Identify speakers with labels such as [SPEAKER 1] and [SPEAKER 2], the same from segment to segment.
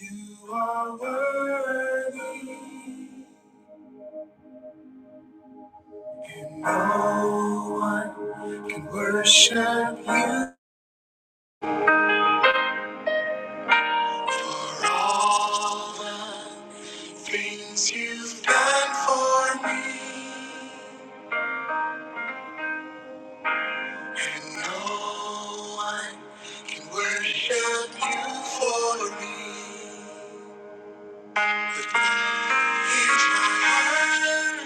[SPEAKER 1] You are worthy. No one can worship you. For all the things you've done for me. And no one can worship you for me. Here's my worship,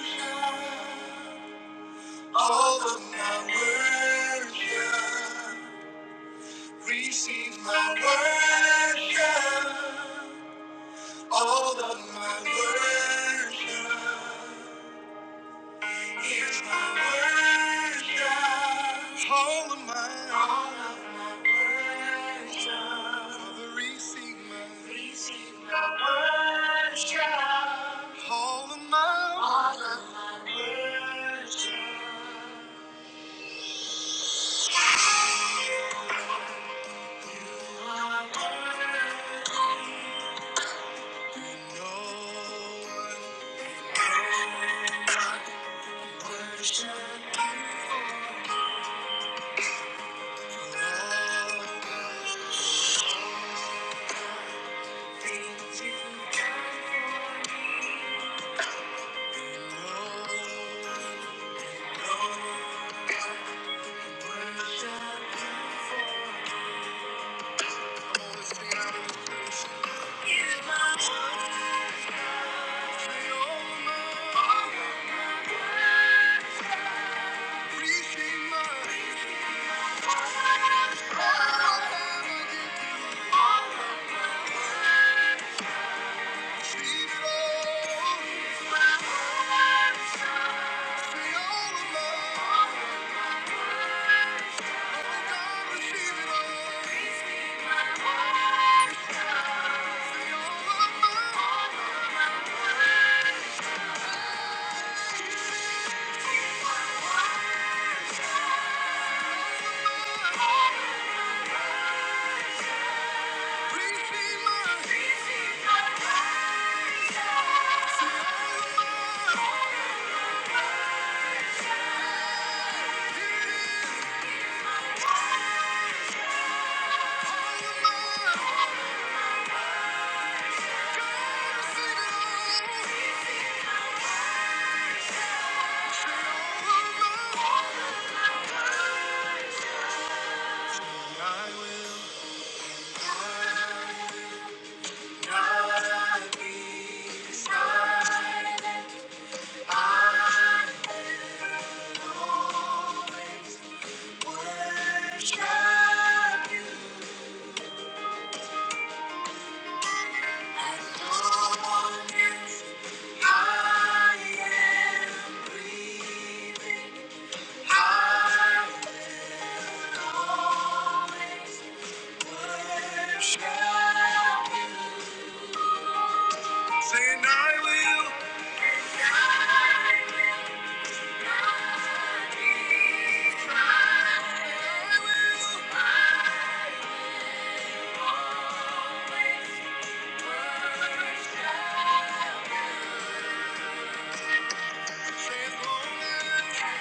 [SPEAKER 1] all of my worship. Receive my worship, all of my worship. Here's my worship. All of my All of my worship. Father, receive my. Receive my worship. All of my All of my worship. No one worship you. for All the things you've done for me. No, no. one Receive my Saying I will, saying I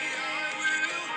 [SPEAKER 1] will, I will.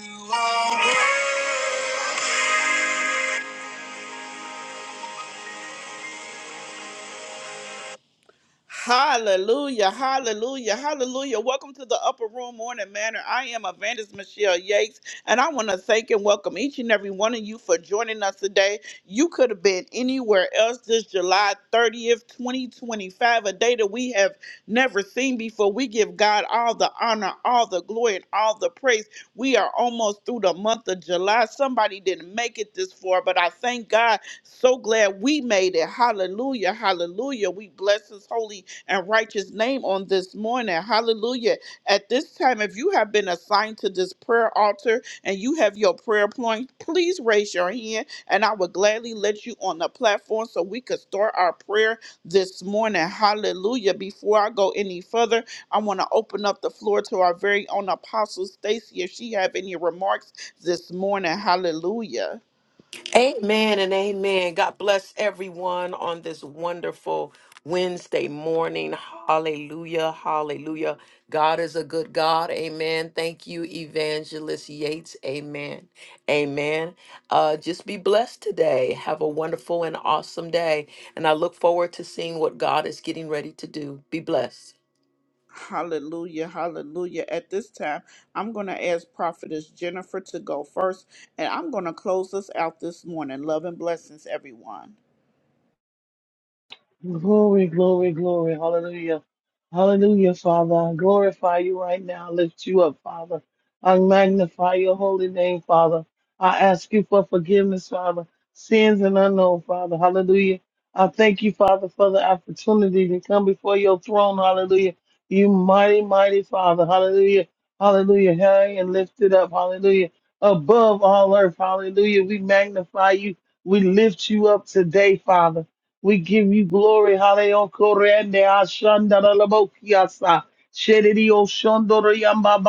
[SPEAKER 1] You are worthy. Hallelujah, hallelujah, hallelujah. Welcome to the Upper Room Morning Manor. I am Evangelist Michelle Yates, and I want to thank and welcome each and every one of you for joining us today. You could have been anywhere else this July 30th, 2025, a day that we have never seen before. We give God all the honor, all the glory, and all the praise. We are almost through the month of July. Somebody didn't make it this far, but I thank God. So glad we made it. Hallelujah, hallelujah. We bless His holy and righteous name on this morning. Hallelujah. At this time, if you have been assigned to this prayer altar and you have your prayer point, please raise your hand and I will gladly let you on the platform so we could start our prayer this morning. Hallelujah. Before I go any further, I want to open up the floor to our very own apostle Stacy if she have any remarks this morning. Hallelujah.
[SPEAKER 2] Amen and amen. God bless everyone on this wonderful Wednesday morning. Hallelujah. Hallelujah. God is a good God. Amen. Thank you, Evangelist Yates. Amen. Amen. Uh, just be blessed today. Have a wonderful and awesome day. And I look forward to seeing what God is getting ready to do. Be blessed.
[SPEAKER 1] Hallelujah, hallelujah. At this time, I'm going to ask Prophetess Jennifer to go first, and I'm going to close us out this morning. Love and blessings, everyone.
[SPEAKER 3] Glory, glory, glory. Hallelujah. Hallelujah, Father. I glorify you right now. I lift you up, Father. I magnify your holy name, Father. I ask you for forgiveness, Father. Sins and unknown, Father. Hallelujah. I thank you, Father, for the opportunity to come before your throne. Hallelujah. You mighty, mighty Father. Hallelujah. Hallelujah. High and lifted up. Hallelujah. Above all earth. Hallelujah. We magnify you. We lift you up today, Father. We give you glory. Hallelujah. Korende ashanda la la bo kiasa. Shedidi o shondoro yamba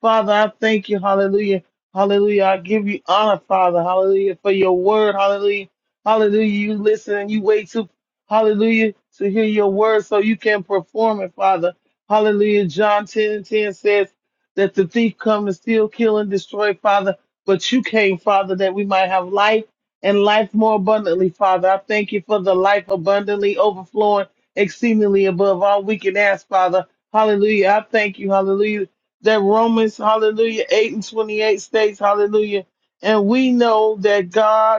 [SPEAKER 3] Father, I thank you. Hallelujah. Hallelujah. I give you honor, Father. Hallelujah. For your word. Hallelujah. Hallelujah. You listen and you wait to, hallelujah, to hear your word so you can perform it, Father. Hallelujah. John 10 and 10 says that the thief come to steal, kill, and destroy, Father. But you came, Father, that we might have life and life more abundantly, Father. I thank you for the life abundantly overflowing, exceedingly above all we can ask, Father. Hallelujah. I thank you, hallelujah, that Romans, hallelujah, 8 and 28 states, hallelujah. And we know that God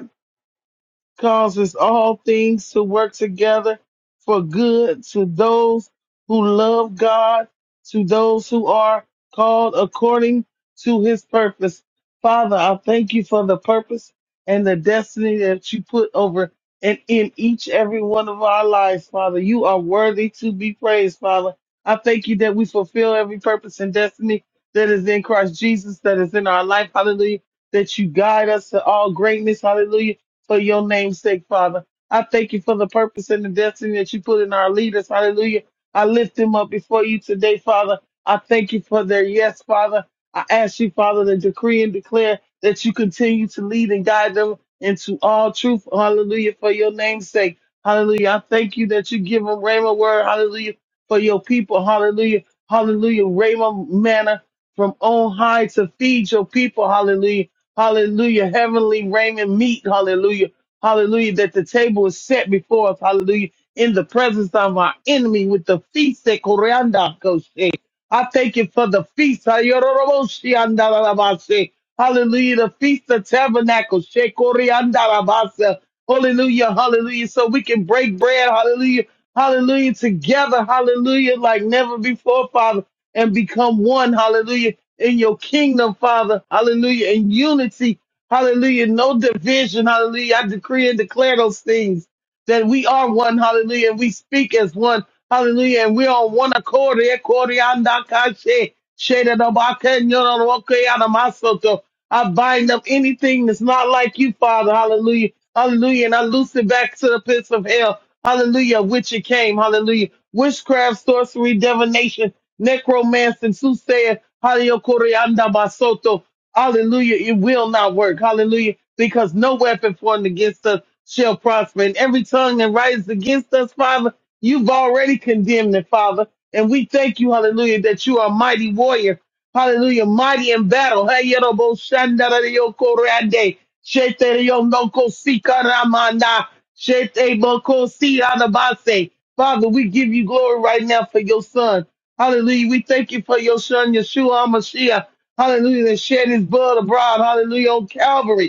[SPEAKER 3] causes all things to work together for good to those who love God, to those who are called according to his purpose. Father, I thank you for the purpose and the destiny that you put over and in each every one of our lives, Father. You are worthy to be praised, Father. I thank you that we fulfill every purpose and destiny that is in Christ Jesus, that is in our life. Hallelujah. That you guide us to all greatness. Hallelujah for your name's sake, Father. I thank you for the purpose and the destiny that you put in our leaders. Hallelujah. I lift them up before you today, Father. I thank you for their yes, Father. I ask you, Father, to decree and declare that you continue to lead and guide them into all truth. Hallelujah. For your name's sake. Hallelujah. I thank you that you give them Rhema word. Hallelujah. For your people. Hallelujah. Hallelujah. Rhema manna from on high to feed your people. Hallelujah Hallelujah. Heavenly Raymond meat. Hallelujah. Hallelujah. That the table is set before us. Hallelujah. In the presence of our enemy with the feast that Koreanda Koshe. I thank you for the feast. Ayororoboshi andarabase. Hallelujah. The feast of tabernacles. She Koreandarabase. Hallelujah. Hallelujah. So we can break bread. Hallelujah. Hallelujah. Together. Hallelujah. Like never before, Father and become one, hallelujah, in your kingdom, Father, hallelujah, in unity, hallelujah, no division, hallelujah. I decree and declare those things that we are one, hallelujah, and we speak as one, hallelujah, and we're on one accord. Eh, kori anda kashe, shede da ba ke nyoro ro ke ana masoto. I bind up anything that's not like you, Father, hallelujah, hallelujah, and I loose it back to the pits of hell. Hallelujah. Which it came. Hallelujah. Witchcraft, sorcery, divination, necromancy, soothsayer. Hallelujah. Koreanda basoto. Hallelujah. It will not work. Hallelujah. Because no weapon formed against us shall prosper. And every tongue that rises against us, Father, you've already condemned it, Father. And we thank you, hallelujah, that you are a mighty warrior. Hallelujah. Mighty in battle. Hey, Yerobo Shandarayoko Rande. Shete Yonoko Sika Ramana. Shete Boko Siranabase. Father, we give you glory right now for your son. Hallelujah. We thank you for your son, Yeshua HaMashiach. Hallelujah. That shed his blood abroad. Hallelujah. On Calvary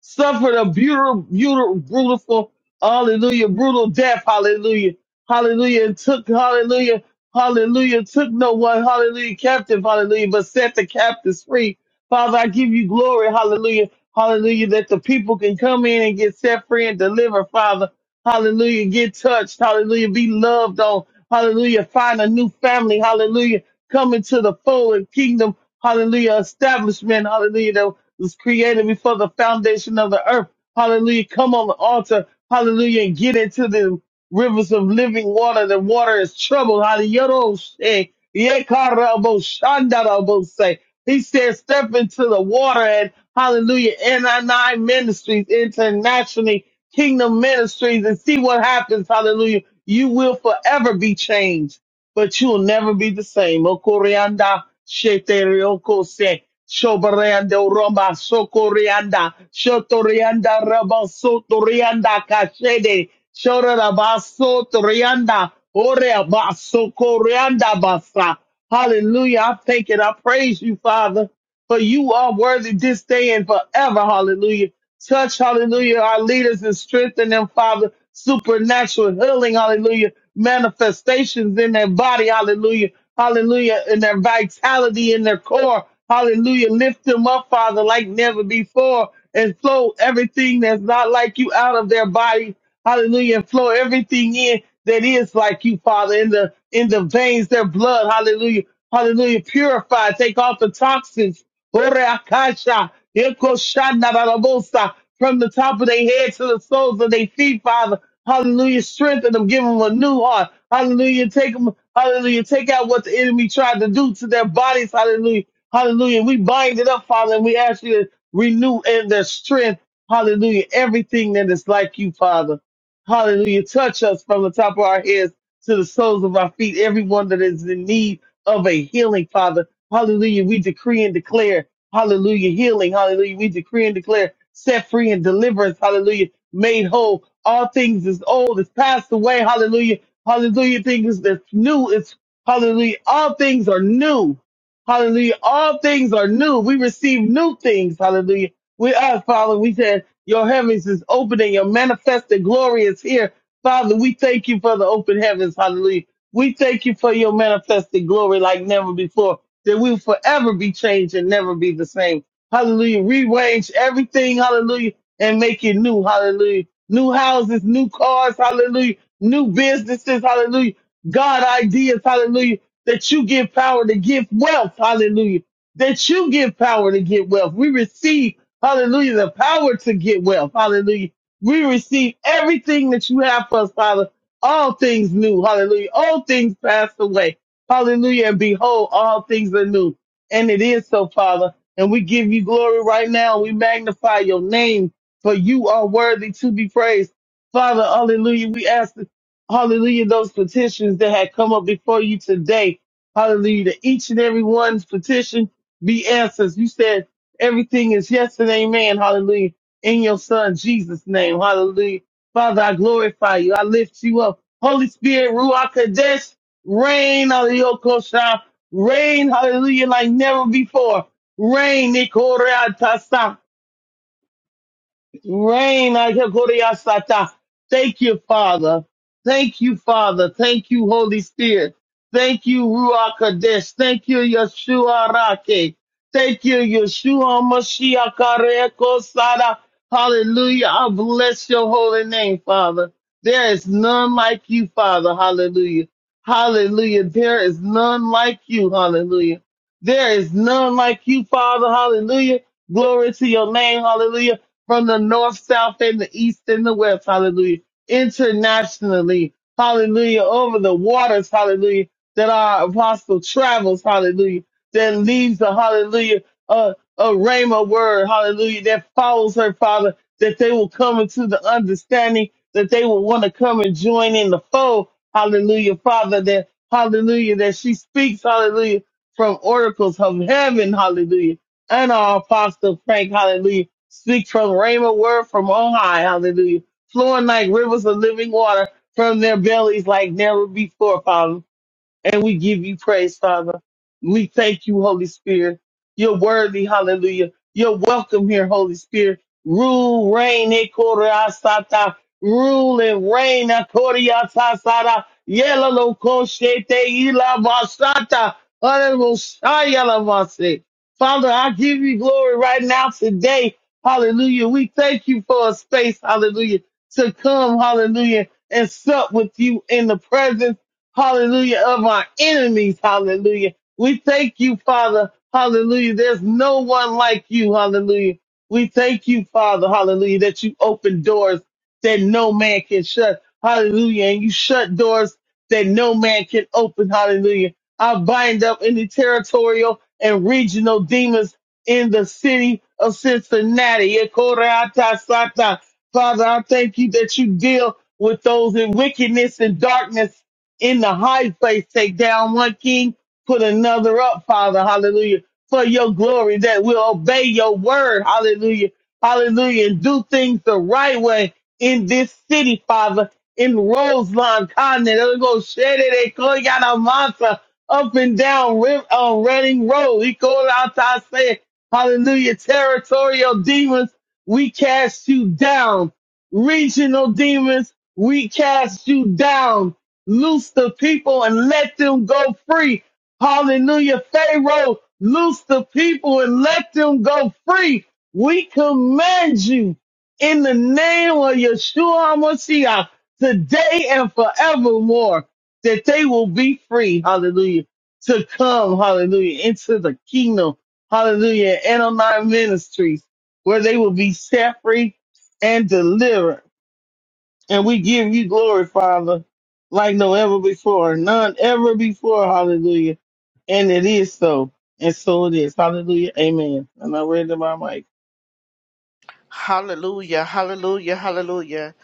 [SPEAKER 3] suffered a brutal, brutal, brutal, hallelujah, brutal death, hallelujah, hallelujah, and took, hallelujah, hallelujah, took no one, hallelujah, captive, hallelujah, but set the captives free. Father, I give you glory, hallelujah, hallelujah, that the people can come in and get set free and delivered, Father, hallelujah, get touched, hallelujah, be loved on, hallelujah, find a new family, hallelujah, come into the fold and kingdom, hallelujah, establishment, hallelujah, was created before the foundation of the earth. Hallelujah. Come on the altar. Hallelujah. And get into the rivers of living water. The water is troubled. Hallelujah. Yekaraboshandarabose. He said, step into the water and hallelujah, NI Ministries, internationally, Kingdom Ministries, and see what happens. Hallelujah. You will forever be changed but you'll never be the same. Okorianda, sheterioko se, shobarando roma, sokorianda, shotorianda, raba, sotorianda, kashede, shoraba, sotorianda, orea, ba, sokorianda, basa. Hallelujah. I thank it. I praise you, Father for you are worthy this day and forever. Hallelujah. Touch, hallelujah, our leaders and strengthen them, Father. Supernatural healing, hallelujah. Manifestations in their body, hallelujah. Hallelujah. In their vitality, in their core, hallelujah. Lift them up, Father, like never before and flow everything that's not like you out of their body. Hallelujah. And flow everything in that is like you, Father, in the, in the veins, their blood. Hallelujah. Hallelujah. Purify, take off the toxins Oreakasha, Ekoshana Barabosa, from the top of their head to the soles of their feet, Father. Hallelujah. Strengthen them. Give them a new heart. Hallelujah. Take them. Hallelujah. Take out what the enemy tried to do to their bodies. Hallelujah. Hallelujah. We bind it up, Father, and we ask you to renew in their strength. Hallelujah. Everything that is like you, Father. Hallelujah. Touch us from the top of our heads to the soles of our feet. Everyone that is in need of a healing, Father. Hallelujah. We decree and declare, hallelujah, healing. Hallelujah. We decree and declare set free and deliverance. Hallelujah. Made whole. All things is old is passed away. Hallelujah. Hallelujah. Things that's new is hallelujah. All things are new. Hallelujah. All things are new. We receive new things. Hallelujah. We are, Father, we said your heavens is open and your manifested glory is here. Father, we thank you for the open heavens. Hallelujah. We thank you for your manifested glory like never before, that we will forever be changed and never be the same. Hallelujah. Rearrange everything, hallelujah, and make it new, hallelujah. New houses, new cars, hallelujah. New businesses, hallelujah. God ideas, hallelujah. That you give power to give wealth, hallelujah. That you give power to get wealth. We receive, hallelujah, the power to get wealth, hallelujah. We receive everything that you have for us, Father all things new. Hallelujah. All things passed away. Hallelujah. And behold, all things are new. And it is so, Father. And we give you glory right now. We magnify your name, for you are worthy to be praised. Father, hallelujah. We ask, hallelujah, those petitions that had come up before you today. Hallelujah. That each and every one's petition be answered. You said everything is yes and amen. Hallelujah. In your son, Jesus' name. Hallelujah. Father, I glorify you. I lift you up. Holy Spirit, Ruach Kadesh, reign, hallelujah, Kosha. Reign, hallelujah, like never before. Reign, Nikorea Tasa. Rain, I hear Gloria Sata. Thank you, Father. Thank you, Father. Thank you, Holy Spirit. Thank you, Ruach Kadesh. Thank you, Yeshua Rake. Thank you, Yeshua Mashiach Kareko Sada. Hallelujah. I bless your holy name, Father. There is none like you, Father. Hallelujah. Hallelujah. There is none like you. Hallelujah. There is none like you, Father. Hallelujah. Glory to your name. Hallelujah from the north, south, and the east and the west. Hallelujah. Internationally. Hallelujah. Over the waters. Hallelujah. That our apostle travels. Hallelujah. That leaves the hallelujah, a, a rhema word. Hallelujah. That follows her, Father, that they will come into the understanding that they will want to come and join in the fold. Hallelujah. Father, that hallelujah, that she speaks. Hallelujah. From oracles of heaven. Hallelujah and our apostle Frank, hallelujah, speak from Rhema word from on high, hallelujah, flowing like rivers of living water from their bellies like never before, Father and we give you praise, Father. We thank you, Holy Spirit. You're worthy, hallelujah. You're welcome here, Holy Spirit. Rule, reign, ekorasata. Rule and reign, akoriasasara. Yela lo koshete ila basata. Honorable Shia Lavase. Father, I give you glory right now today. Hallelujah. We thank you for a space, hallelujah, to come, hallelujah, and sup with you in the presence hallelujah, of our enemies, hallelujah. We thank you, Father, hallelujah. There's no one like you, hallelujah. We thank you, Father, hallelujah, that you open doors that no man can shut, hallelujah, and you shut doors that no man can open, hallelujah. I bind up any territorial and regional demons in the city of Cincinnati. Father, I thank you that you deal with those in wickedness and darkness in the high place, take down one king, put another up, Father. Hallelujah. For your glory that we'll obey your word. Hallelujah. Hallelujah. And do things the right way in this city, Father, in Roseland, Continent. It'll go shed it. They call you out a monster up and down Ri- uh, Reading Road. He called out to say, Hallelujah. Territorial demons, we cast you down. Regional demons, we cast you down Loose the people and let them go free. Hallelujah. Pharaoh, loose the people and let them go free. We command you in the name of Yeshua HaMashiach today and forevermore that they will be free. Hallelujah. To come, hallelujah, into the kingdom. Hallelujah. And on our ministries where they will be set free and delivered and we give you glory, Father, like no ever before, none ever before. Hallelujah. And it is so. And so it is. Hallelujah. Amen. And I read the my mic.
[SPEAKER 1] Hallelujah, hallelujah, hallelujah.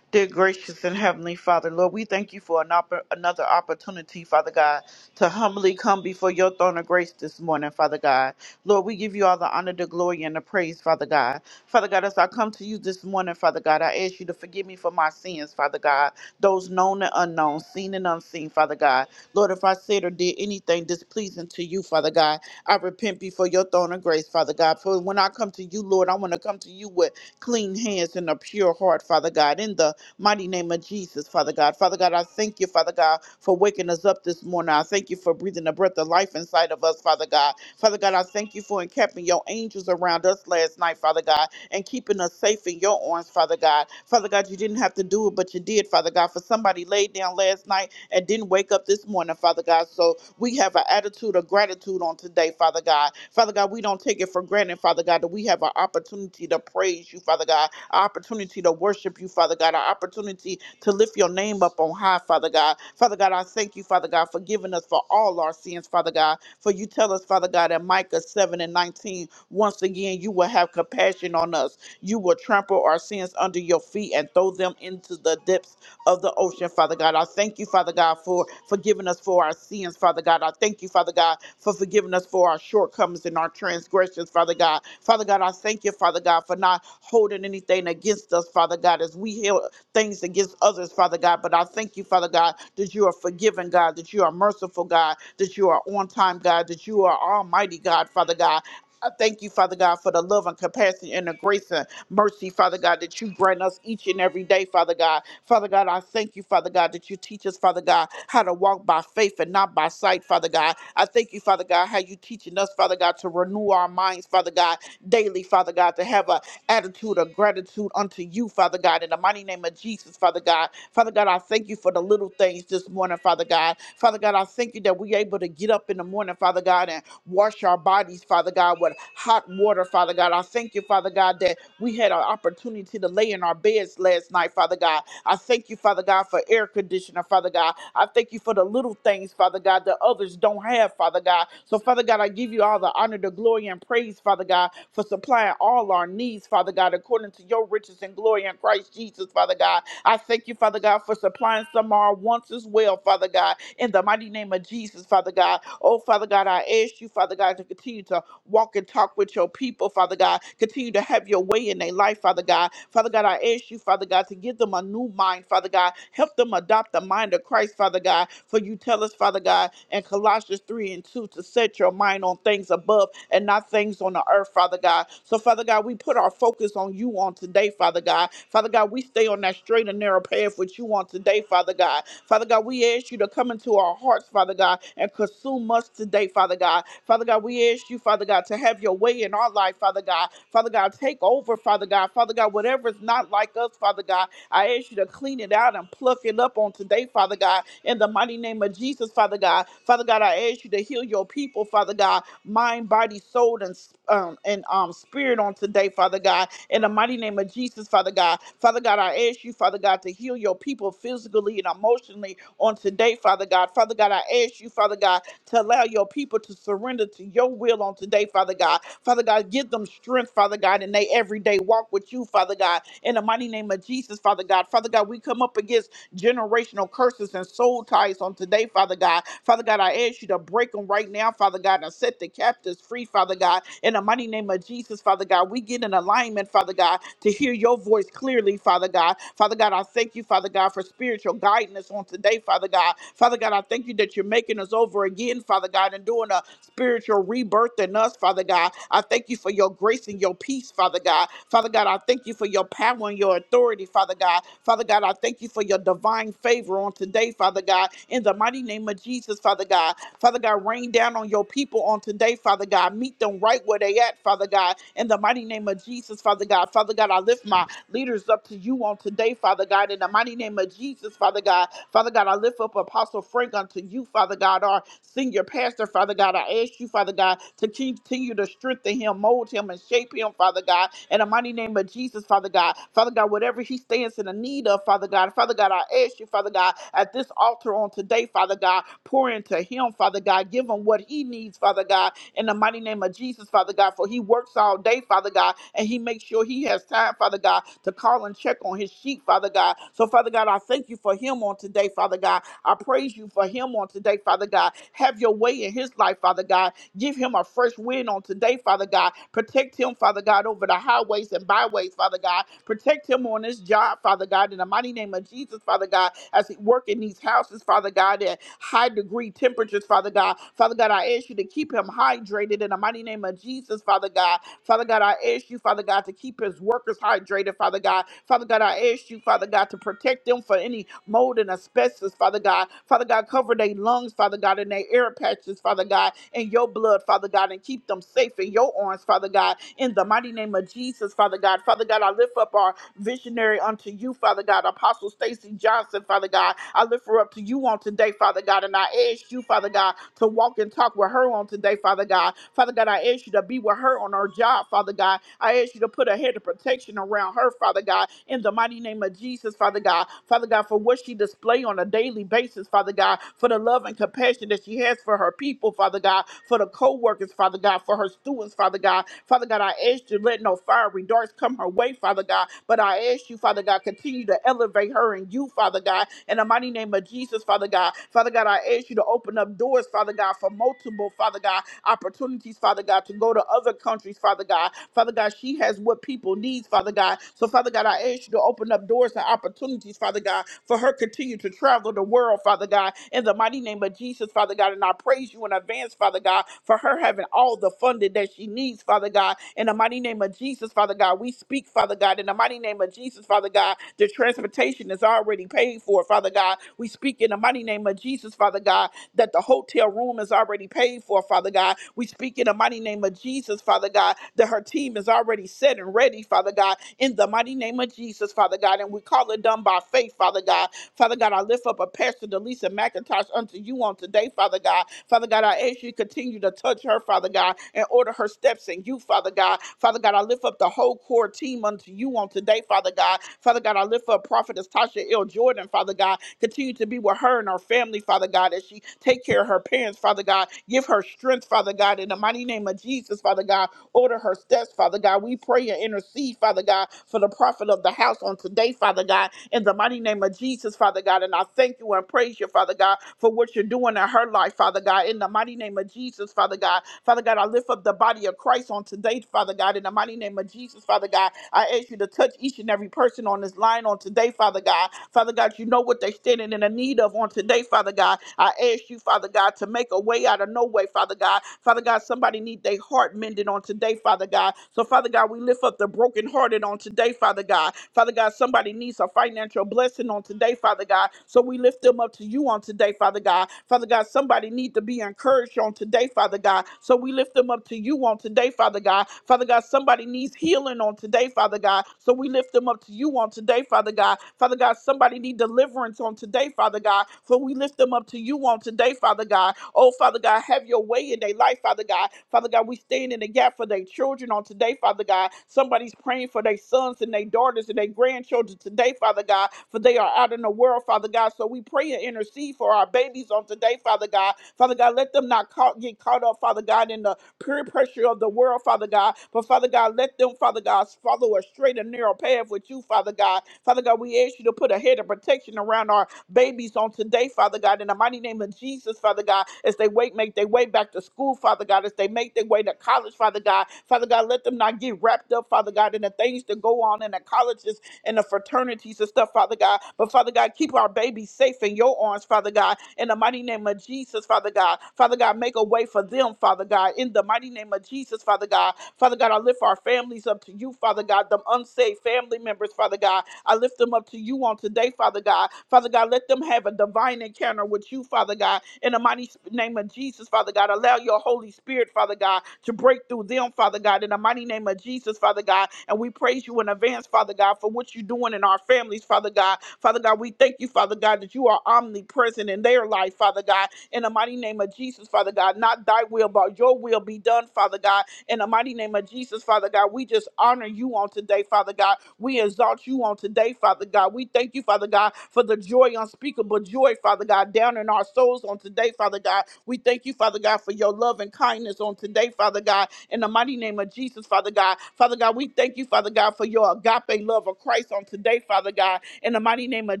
[SPEAKER 1] Dear gracious and heavenly Father, Lord, we thank you for an oppor- another opportunity, Father God, to humbly come before your throne of grace this morning, Father God. Lord, we give you all the honor, the glory, and the praise, Father God. Father God, as I come to you this morning, Father God, I ask you to forgive me for my sins, Father God, those known and unknown, seen and unseen, Father God. Lord, if I said or did anything displeasing to you, Father God, I repent before your throne of grace, Father God. For when I come to you, Lord, I want to come to you with clean hands and a pure heart, Father God, in the mighty name of Jesus, Father God. Father God, I thank you, Father God, for waking us up this morning. I thank you for breathing the breath of life inside of us, Father God. Father God, I thank you for encamping your angels around us last night, Father God, and keeping us safe in your arms, Father God. Father God, you didn't have to do it, but you did, Father God. For somebody laid down last night and didn't wake up this morning, Father God. So we have an attitude of gratitude on today, Father God. Father God, we don't take it for granted, Father God, that we have an opportunity to praise you, Father God our opportunity to worship you, Father God, our opportunity to lift your name up on high, Father God. Father God, I thank you, Father God, for giving us for all our sins, Father God. For you tell us, Father God, in Micah 7 and 19, once again, you will have compassion on us. You will trample our sins under your feet and throw them into the depths of the ocean, Father God. I thank you, Father God, for forgiving us for our sins, Father God. I thank you, Father God, for forgiving us for our shortcomings and our transgressions, Father God. Father God, I thank you, Father God, for not holding anything against us, Father God, as we held things against others, Father God. But I thank you, Father God, that you are forgiving, God, that you are merciful, God, that you are on time, God, that you are almighty, God, Father God. I thank you, Father God, for the love and compassion and the grace and mercy, Father God, that you grant us each and every day, Father God. Father God, I thank you, Father God, that you teach us, Father God, how to walk by faith and not by sight, Father God. I thank you, Father God, how you teaching us, Father God, to renew our minds, Father God, daily, Father God, to have an attitude of gratitude unto you, Father God, in the mighty name of Jesus, Father God. Father God, I thank you for the little things this morning, Father God. Father God, I thank you that we're able to get up in the morning, Father God, and Wash our bodies, Father God, with hot water, Father God. I thank you, Father God, that we had an opportunity to lay in our beds last night, Father God. I thank you, Father God, for air conditioner, Father God. I thank you for the little things, Father God, that others don't have, Father God. So, Father God, I give you all all the honor, the glory, and praise, Father God, for supplying all our needs, Father God, according to your riches and glory in Christ Jesus, Father God. I thank you, Father God, for supplying some of our wants as well, Father God, in the mighty name of Jesus, Father God. Oh, Father God, I ask you, Father God, to continue to Walk and talk with your people, Father God. Continue to have your way in their life, Father God. Father God, I ask you, Father God, to give them a new mind, Father God. Help them adopt the mind of Christ, Father God. For you tell us, Father God, in Colossians 3 and 2, to set your mind on things above and not things on the earth, Father God. So, Father God, we put our focus on you on today, Father God. Father God, we stay on that straight and narrow path with you do on today, Father God. Father God, we ask you to come into our hearts, Father God, and consume us today, Father God. Father God, we ask you, Father God, to have your way in our life, Father God. Father God, take over, Father God. Father God, whatever is not like us, Father God, I ask you to clean it out and pluck it up on today, Father God. In the mighty name of Jesus, Father God. Father God, I ask you to heal your people, Father God, mind, body, soul, and spirit um, and um, spirit on today, Father God, in the mighty name of Jesus, Father God. Father God, I ask you, Father God, to heal your people physically and emotionally on today, Father God. Father God, I ask you, Father God, to allow your people to surrender to your will on today, Father God. Father God, give them strength, Father God, in their everyday walk with you, Father God. In the mighty name of Jesus, Father God. Father God, we come up against generational curses and soul ties on today, Father God. Father God, I ask you to break them right now, Father God, and set the captives free, Father God. In the mighty name of Jesus, Father God, we get in alignment, Father God, to hear your voice clearly, Father God. Father God, I thank you, Father God, for spiritual guidance on today, Father God. Father God, I thank you that you're making us over again, Father God, and doing a spiritual rebirth in us, Father God. I thank you for your grace and your peace, Father God. Father God, I thank you for your power and your authority, Father God. Father God, I thank you for your divine favor on today, Father God. In the mighty name of Jesus, Father God. Father God, rain down on your people on today, Father God. Meet them right where they at, Father God. In the mighty name of Jesus, Father God. Father God, I lift my leaders up to you on today, Father God. In the mighty name of Jesus, Father God. Father God, I lift up Apostle Frank unto you, Father God, our senior pastor, Father God. I ask you, Father. Father God, to continue to strengthen him, mold him, and shape him, Father God, in the mighty name of Jesus, Father God. Father God, whatever he stands in the need of, Father God, Father God, I ask you, Father God, at this altar on today, Father God, pour into him, Father God, give him what he needs, Father God, in the mighty name of Jesus, Father God, for he works all day, Father God, and he makes sure he has time, Father God, to call and check on his sheep, Father God. So, Father God, I thank you for him on today, Father God. I praise you for him on today, Father God. Have your way in his life, Father God Give him a fresh wind on today, Father God. Protect him, Father God, over the highways and byways, Father God. Protect him on his job, Father God, in the mighty name of Jesus, Father God, as he work in these houses, Father God, at high degree temperatures, Father God. Father God, I ask you to keep him hydrated in the mighty name of Jesus, Father God. Father Father God, I ask you, Father God, to keep his workers hydrated, Father God. Father God, I ask you, Father God, to protect them for any mold and asbestos, Father God. Father God, cover their lungs, Father God, and their air patches, Father God, in your blood, Father God, and keep them safe in your arms, Father God. In the mighty name of Jesus, Father God. Father God, I lift up our visionary unto you, Father God. Apostle Stacy Johnson, Father God. I lift her up to you on today, Father God. And I ask you, Father God, to walk and talk with her on today, Father God. Father God, I ask you to be with her on her job, Father God. I ask you to put a head of protection around her, Father God, in the mighty name of Jesus, Father God. Father God, for what she display on a daily basis, Father God, for the love and compassion that she has for her people, Father God, for the co-workers, Father God, for her students, Father God. Father God. Father God, I ask you, let no fiery darts come her way, Father God. But I ask you, Father God, continue to elevate her and you, Father God, in the mighty name of Jesus, Father God. Father God, I ask you to open up doors, Father God, for multiple, Father God, opportunities, Father God, to go to other countries, Father God. Father God, she has what people need, Father God. So, Father God, I ask you to open up doors and opportunities, Father God, for her continue to travel the world, Father God, in the mighty name of Jesus, Father God. And I praise you in advance, Father God, for her having all the funding that she needs, Father God. In the mighty name of Jesus, Father God, we speak, Father God. In the mighty name of Jesus, Father God, the transportation is already paid for, Father God. We speak in the mighty name of Jesus, Father God, that the hotel room is already paid for, Father God. We speak in the mighty name of Jesus, Father God, that her team is already set and ready, Father God, in the mighty name of Jesus, Father God. And we call it done by faith, Father God. Father God, I lift up a Pastor Delisa McIntosh unto you on today, Father God. Father God, I ask you to continue to touch her, Father God, and order her steps in you, Father God. Father God, I lift up the whole core team unto you on today, Father God. Father God, I lift up Prophetess Tasha L. Jordan, Father God. Continue to be with her and her family, Father God, as she take care of her parents, Father God. Give her strength, Father God, in the mighty name of Jesus, Father God. Order her steps, Father. Father God. We pray and intercede, Father God, for the prophet of the house on today, Father God, in the mighty name of Jesus, Father God. And I thank you and praise you, Father God, for what you're doing in her life, Father God, in the mighty name of Jesus, Father God. Father God, I lift up the body of Christ on today, Father God, in the mighty name of Jesus, Father God. I ask you to touch each and every person on this line on today, Father God. Father God, you know what they're standing in the need of on today, Father God. I ask you, you, Father God, to make a way out of no way, Father God. Father God, somebody need their heart mended on today, Father God. So, Father God, we lift up the brokenhearted on today, Father God. Father God, somebody needs a financial blessing on today, Father God. So we lift them up to you on today, Father God. Father God, somebody need to be encouraged on today, Father God. So we lift them up to you on today, Father God. Father God, somebody needs healing on today, Father God. So we lift them up to you you on today, Father God. Father God, somebody need deliverance on today, Father God. For we lift them up to you on today, Father God. Oh, Father God, have your way in their life, Father God. Father God, we stand in the gap for their children on today, Father God. Somebody's praying for their sons and their daughters and their grandchildren today, Father God, for they are out in the world, Father God. So we pray and intercede for our babies on today, Father God. Father God, let them not caught, get caught up, Father God, in the peer pressure of the world, Father God. But Father God, let them, Father God, follow a straight and narrow path with you, Father God. Father God, we ask you to put a head of protection around our babies on today, Father God, in the mighty name of Jesus, Father God, as they wait, make their way back to school, Father God, as they make their way to college, Father God. Father God, let them not get wrapped up, Father God, in the things that go on in the colleges and the fraternities and stuff, Father God. But Father God, keep our babies safe in your arms, Father God. In the mighty name of Jesus, Father God. Father God, make a way for them, Father God. In the mighty name of Jesus, Father God. Father God, I lift our families up to you, Father God, them unsaved family members, Father God. I lift them up to you on today, Father God. Father God, let them have a divine encounter with you, Father God. In the mighty sp- name of Jesus, Father God, allow your Holy Spirit, Father God, to break through them, Father God. In the mighty name of Jesus, Father God. And we praise you in advance, Father God, for what you're doing in our families, Father God. Father God, we thank you, Father God, that you are omnipresent in their life, Father God. In the mighty name of Jesus, Father God, not thy will, but your will be done, Father God in the mighty name of Jesus, Father God, we just honor you on today, Father God. We exalt you on today, Father God. We thank you, Father God, for the joy, unspeakable joy, Father God, down in our souls on today, Father God. We thank you, Father God, for your love and kindness on today, Father God. In the mighty name of Jesus, Father God. Father God, we thank you, Father God, for your agape love of Christ on today, Father God in the mighty name of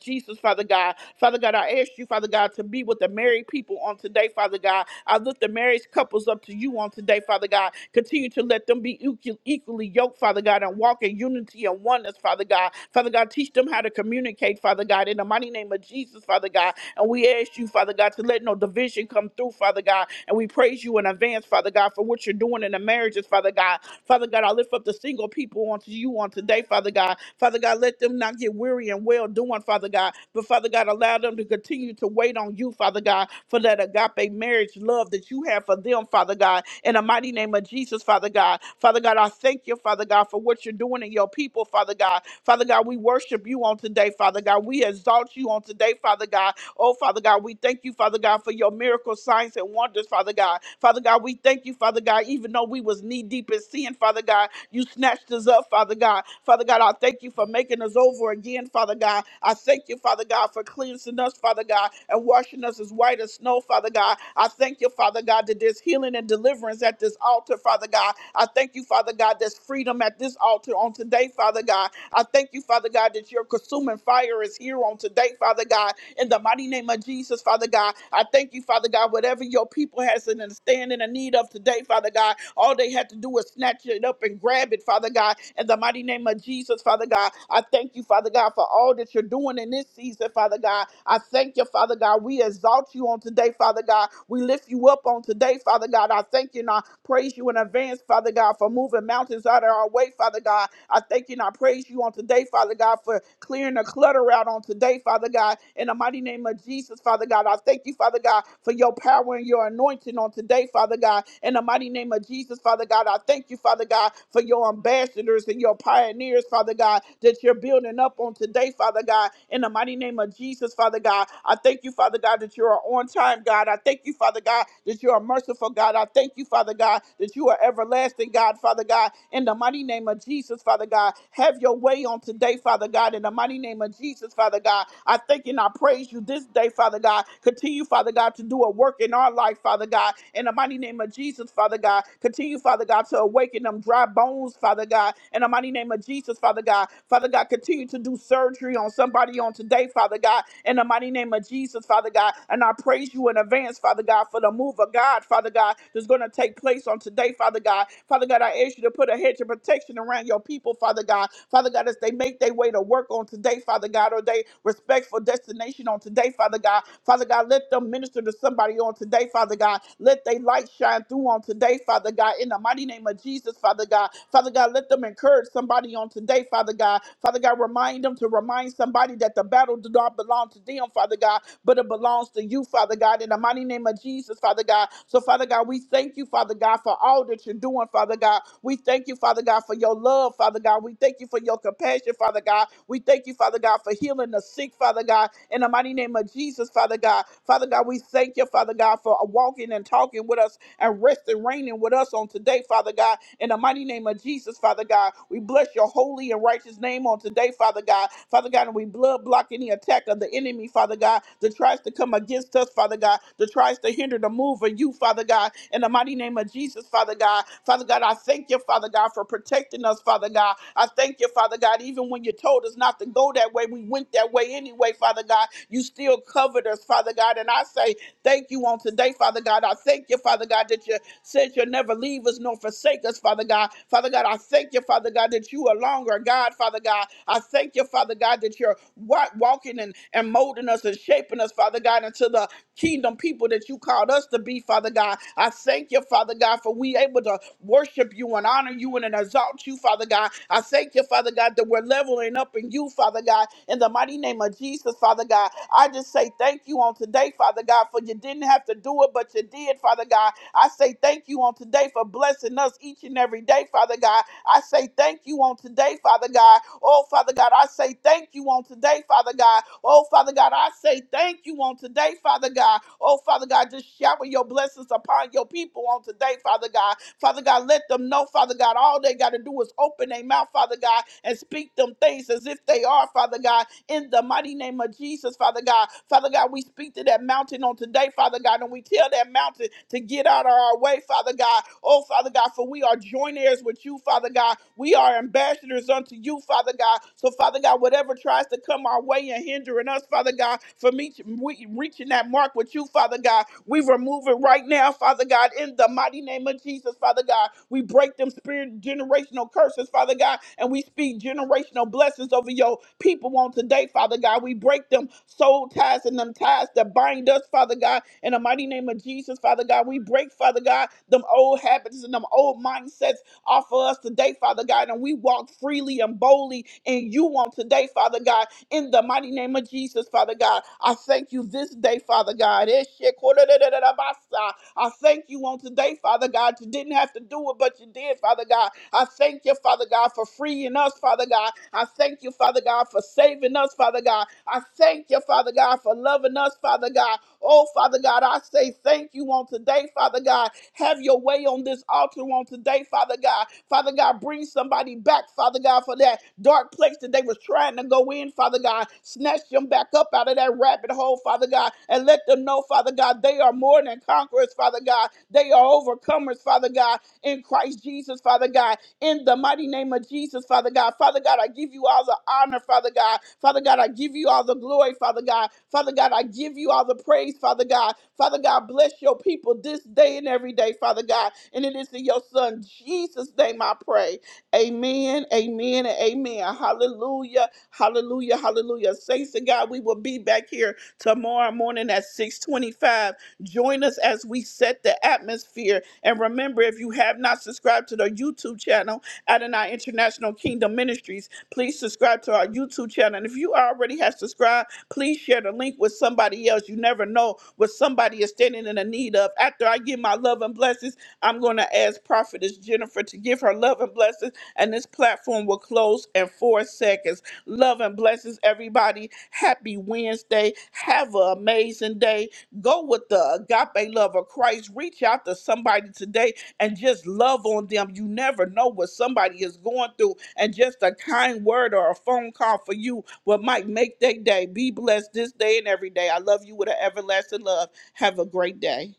[SPEAKER 1] Jesus, Father God. Father God, I ask you, Father God, to be with the married people on today, Father God. I lift the marriage couples up to you on today, Father God. Continue to let them be equal- equally yoked, Father God, and walk in unity and oneness, Father God. Father God, teach them how to communicate, Father God, in the mighty name of Jesus, Father God. And we ask you, Father God, to let no division come through, Father God. And we praise you in advance, Father God, for what you're doing in the marriages, Father God. Father God, I lift up the single people onto you on today, Father God. Father God, let them not get weary and well doing, Father God, but Father God, allow them to continue to wait on you, Father God, for that agape marriage love that you have for them, Father God, in the mighty name of Jesus, Father God. Father God, I thank you, Father God, for what you're doing in your people, Father God. Father God, we worship you on today, Father God. We exalt you on today, Father God. Oh, Father God, we thank you, Father God, for your miracle signs and wonders, Father God. Father God, we thank you, Father God, even though we was knee deep in sin, Father God, you snatched us up, Father God. Father God, I thank you for making us over again, Father God. I thank you, Father God, for cleansing us, Father God, and washing us as white as snow, Father God. I thank you, Father God, that there's healing and deliverance at this altar, Father God. I thank you, Father God, there's freedom at this altar on today, Father God. I thank you, Father God, that your consuming fire is here on today, Father God in the mighty name of Jesus, Father God. I thank you, Father God, whatever your people has an understanding and need of today, Father God. All they had to do was snatch it up and grab it, Father God, in the mighty name of Jesus, Father God. I thank you, Father God, for all that you're doing in this season, Father God. I thank you, Father God. We exalt you on today, Father God. We lift you up on today, Father God. I thank you and I praise you in advance, Father God, for moving mountains out of our way, Father God. I thank you and I praise you on today, today, Father God, for clearing the clutter out on today, Father God. In the mighty name of Jesus, Father God, I thank you, Father God, for your power and your anointing on today, Father God. In the mighty name of Jesus, Father God, I thank you, Father God, for your ambassadors and your pioneers, Father God, that you're building up on today, Father God. In the mighty name of Jesus, Father God, I thank you, Father God, that you're on time, God. I thank you, Father God, that you're merciful, God. I thank you, Father God, that you are everlasting, God. Father. Father God, in the mighty name of Jesus, Father God. Have your way on today, Father God, in the mighty name of Jesus, Father God. I thank and I praise you this day, Father God. Continue, Father God, to do a work in our life, Father God, in the mighty name of Jesus, Father God. Continue, Father God, to awaken them dry bones, Father God, in the mighty name of Jesus, Father God. Father God, continue to do surgery on somebody on today, Father God, in the mighty name of Jesus, Father God. And I praise you in advance, Father God, for the move of God. God, Father God, that's going to take place on today, Father God. Father God, I ask you to put a hedge of protection around your people, Father God. Father God, as they make their way to work on today, Father God, or they respectful destination on today, Father God. Father God, let them minister to somebody on today, Father God. Let their light shine through on today, Father God. In the mighty name of Jesus, Father God. Father God, let them encourage somebody on today, Father God. Father God, remind them to remind somebody that the battle did not belong to them, Father God but it belongs to you, Father God, in the mighty name of Jesus, Father God. So, Father God, we thank you, Father God, for all that you're doing, Father God. We thank you, Father God, for your love, Father God. We thank you for your compassion, Father God. We thank you, Father God, for healing the sick, Father God, in the mighty name of Jesus, Father God. Father God, we thank you, Father God, for walking and talking with us and rest and reigning with us on today, Father God. In the mighty name of Jesus, Father God, we bless your holy and righteous name on today, Father God. Father God, and we blood block any attack of the enemy, Father God, that tries to come against us, Father God, that tries to hinder the move of you, Father God. In the mighty name of Jesus, Father God. Father God, I thank you, Father God, for protecting us, Father God. I thank you, Father God, even when you told us not to go that way, we went that way anyway, Father God. You still covered us, Father God. And I say, Thank you on today, Father God. I thank you, Father God. Father God, that you said you'll never leave us nor forsake us, Father God. Father God, I thank you, Father God, that you are longer, God, Father God. I thank you, Father God, that you're wa- walking and, and molding us and shaping us, Father God, into the kingdom people that you called us to be, Father God. I thank you, Father God, for we able to worship you and honor you and exalt you, Father God. I thank you, Father God, that we're leveling up in you, Father God, in the mighty name of Jesus, Father God. I just say thank you on today, Father God, for you didn't have to do it, but you did, Father God. I say thank you on today for blessing us each and every day, Father God. I say thank you on today, Father God. Oh, Father God, I say thank you on today, Father God. Oh, Father God, I say thank you on today, Father God. Oh, Father God, just shower your blessings upon your people on today, Father God. Father God, let them know, Father God, all they got to do is open their mouth, Father God, and speak them things as if they are, Father God in the mighty name of Jesus, Father God. Father God, we speak to that mountain on today, Father God, and we tell that mountain to get out of our way, Father God. Oh, Father God, for we are joint heirs with you, Father God. We are ambassadors unto you, Father God. So, Father God, whatever tries to come our way and hindering us, Father God, for me to- we- reaching that mark with you, Father God, we remove it right now, Father God, in the mighty name of Jesus, Father God. We break them spirit generational curses, Father God, and we speak generational blessings over your people on today, Father God. We break them soul ties and them ties that bind us, Father God, in the mighty name of Jesus, Father God. We break, Father God, them old habits and them old mindsets off of us today, Father God, and we walk freely and boldly in you on today, Father God in the mighty name of Jesus, Father God. I thank you this day, Father God. Eshekodadadadabasa. I thank you on today, Father God. You didn't have to do it, but you did, Father God. I thank you, Father God, for freeing us, Father God. I thank you, Father God, for saving us, Father God. I thank you, Father God, for loving us, Father God. Oh, Father God, I say thank you on today, Father God. Have your way on this altar on today, Father God. Father God, bring somebody back, Father God, for that dark place that they was trying to go in, Father God. Snatch them back up out of that rabbit hole, Father God, and let them know, Father God, they are more than conquerors, Father God. They are overcomers, Father God, in Christ Jesus, Father God in the mighty name of Jesus, Father God. Father God, I give you all the honor, Father God. Father God, I give you all the glory, Father God. Father God, I give you all the praise, Father God. Father God, bless your people this day and every day, Father God. And it is in your Son, Jesus' name, I pray. Amen, amen, and amen. Hallelujah, hallelujah, hallelujah. Saints of God, we will be back here tomorrow morning at 625 Join us as we set the atmosphere. And remember, if you have not subscribed to the YouTube channel, Adonai International Kingdom Ministries, please subscribe to our YouTube channel. And if you already have subscribed, please share the link with somebody else. You never know what somebody is standing in the need of. After I give my love and blessings, I'm going to ask Prophetess Jennifer to give her love and blessings, and this platform will close in four seconds. Love and blessings, everybody. Happy Wednesday. Have an amazing day. Go with the agape love of Christ. Reach out to somebody today and just love on them. You never know what somebody is going through, and just a kind word or a phone call for you what might make their day. Be blessed this day and every day. I love you with an everlasting love. Have a great day.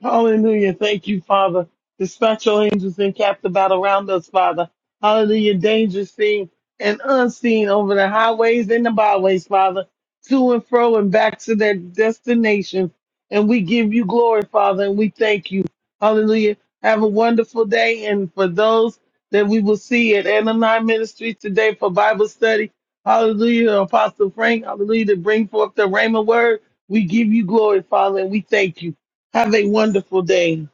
[SPEAKER 3] Hallelujah. Thank you, Father. Dispatch your angels and cap the battle around us, Father. Hallelujah. Danger seen and unseen over the highways and the byways, Father, to and fro and back to their destinations. And we give you glory, Father, and we thank you. Hallelujah. Have a wonderful day. And for those that we will see at Anani Ministries today for Bible study, hallelujah. Apostle Frank, hallelujah, to bring forth the Rhema word. We give you glory, Father, and we thank you. Have a wonderful day.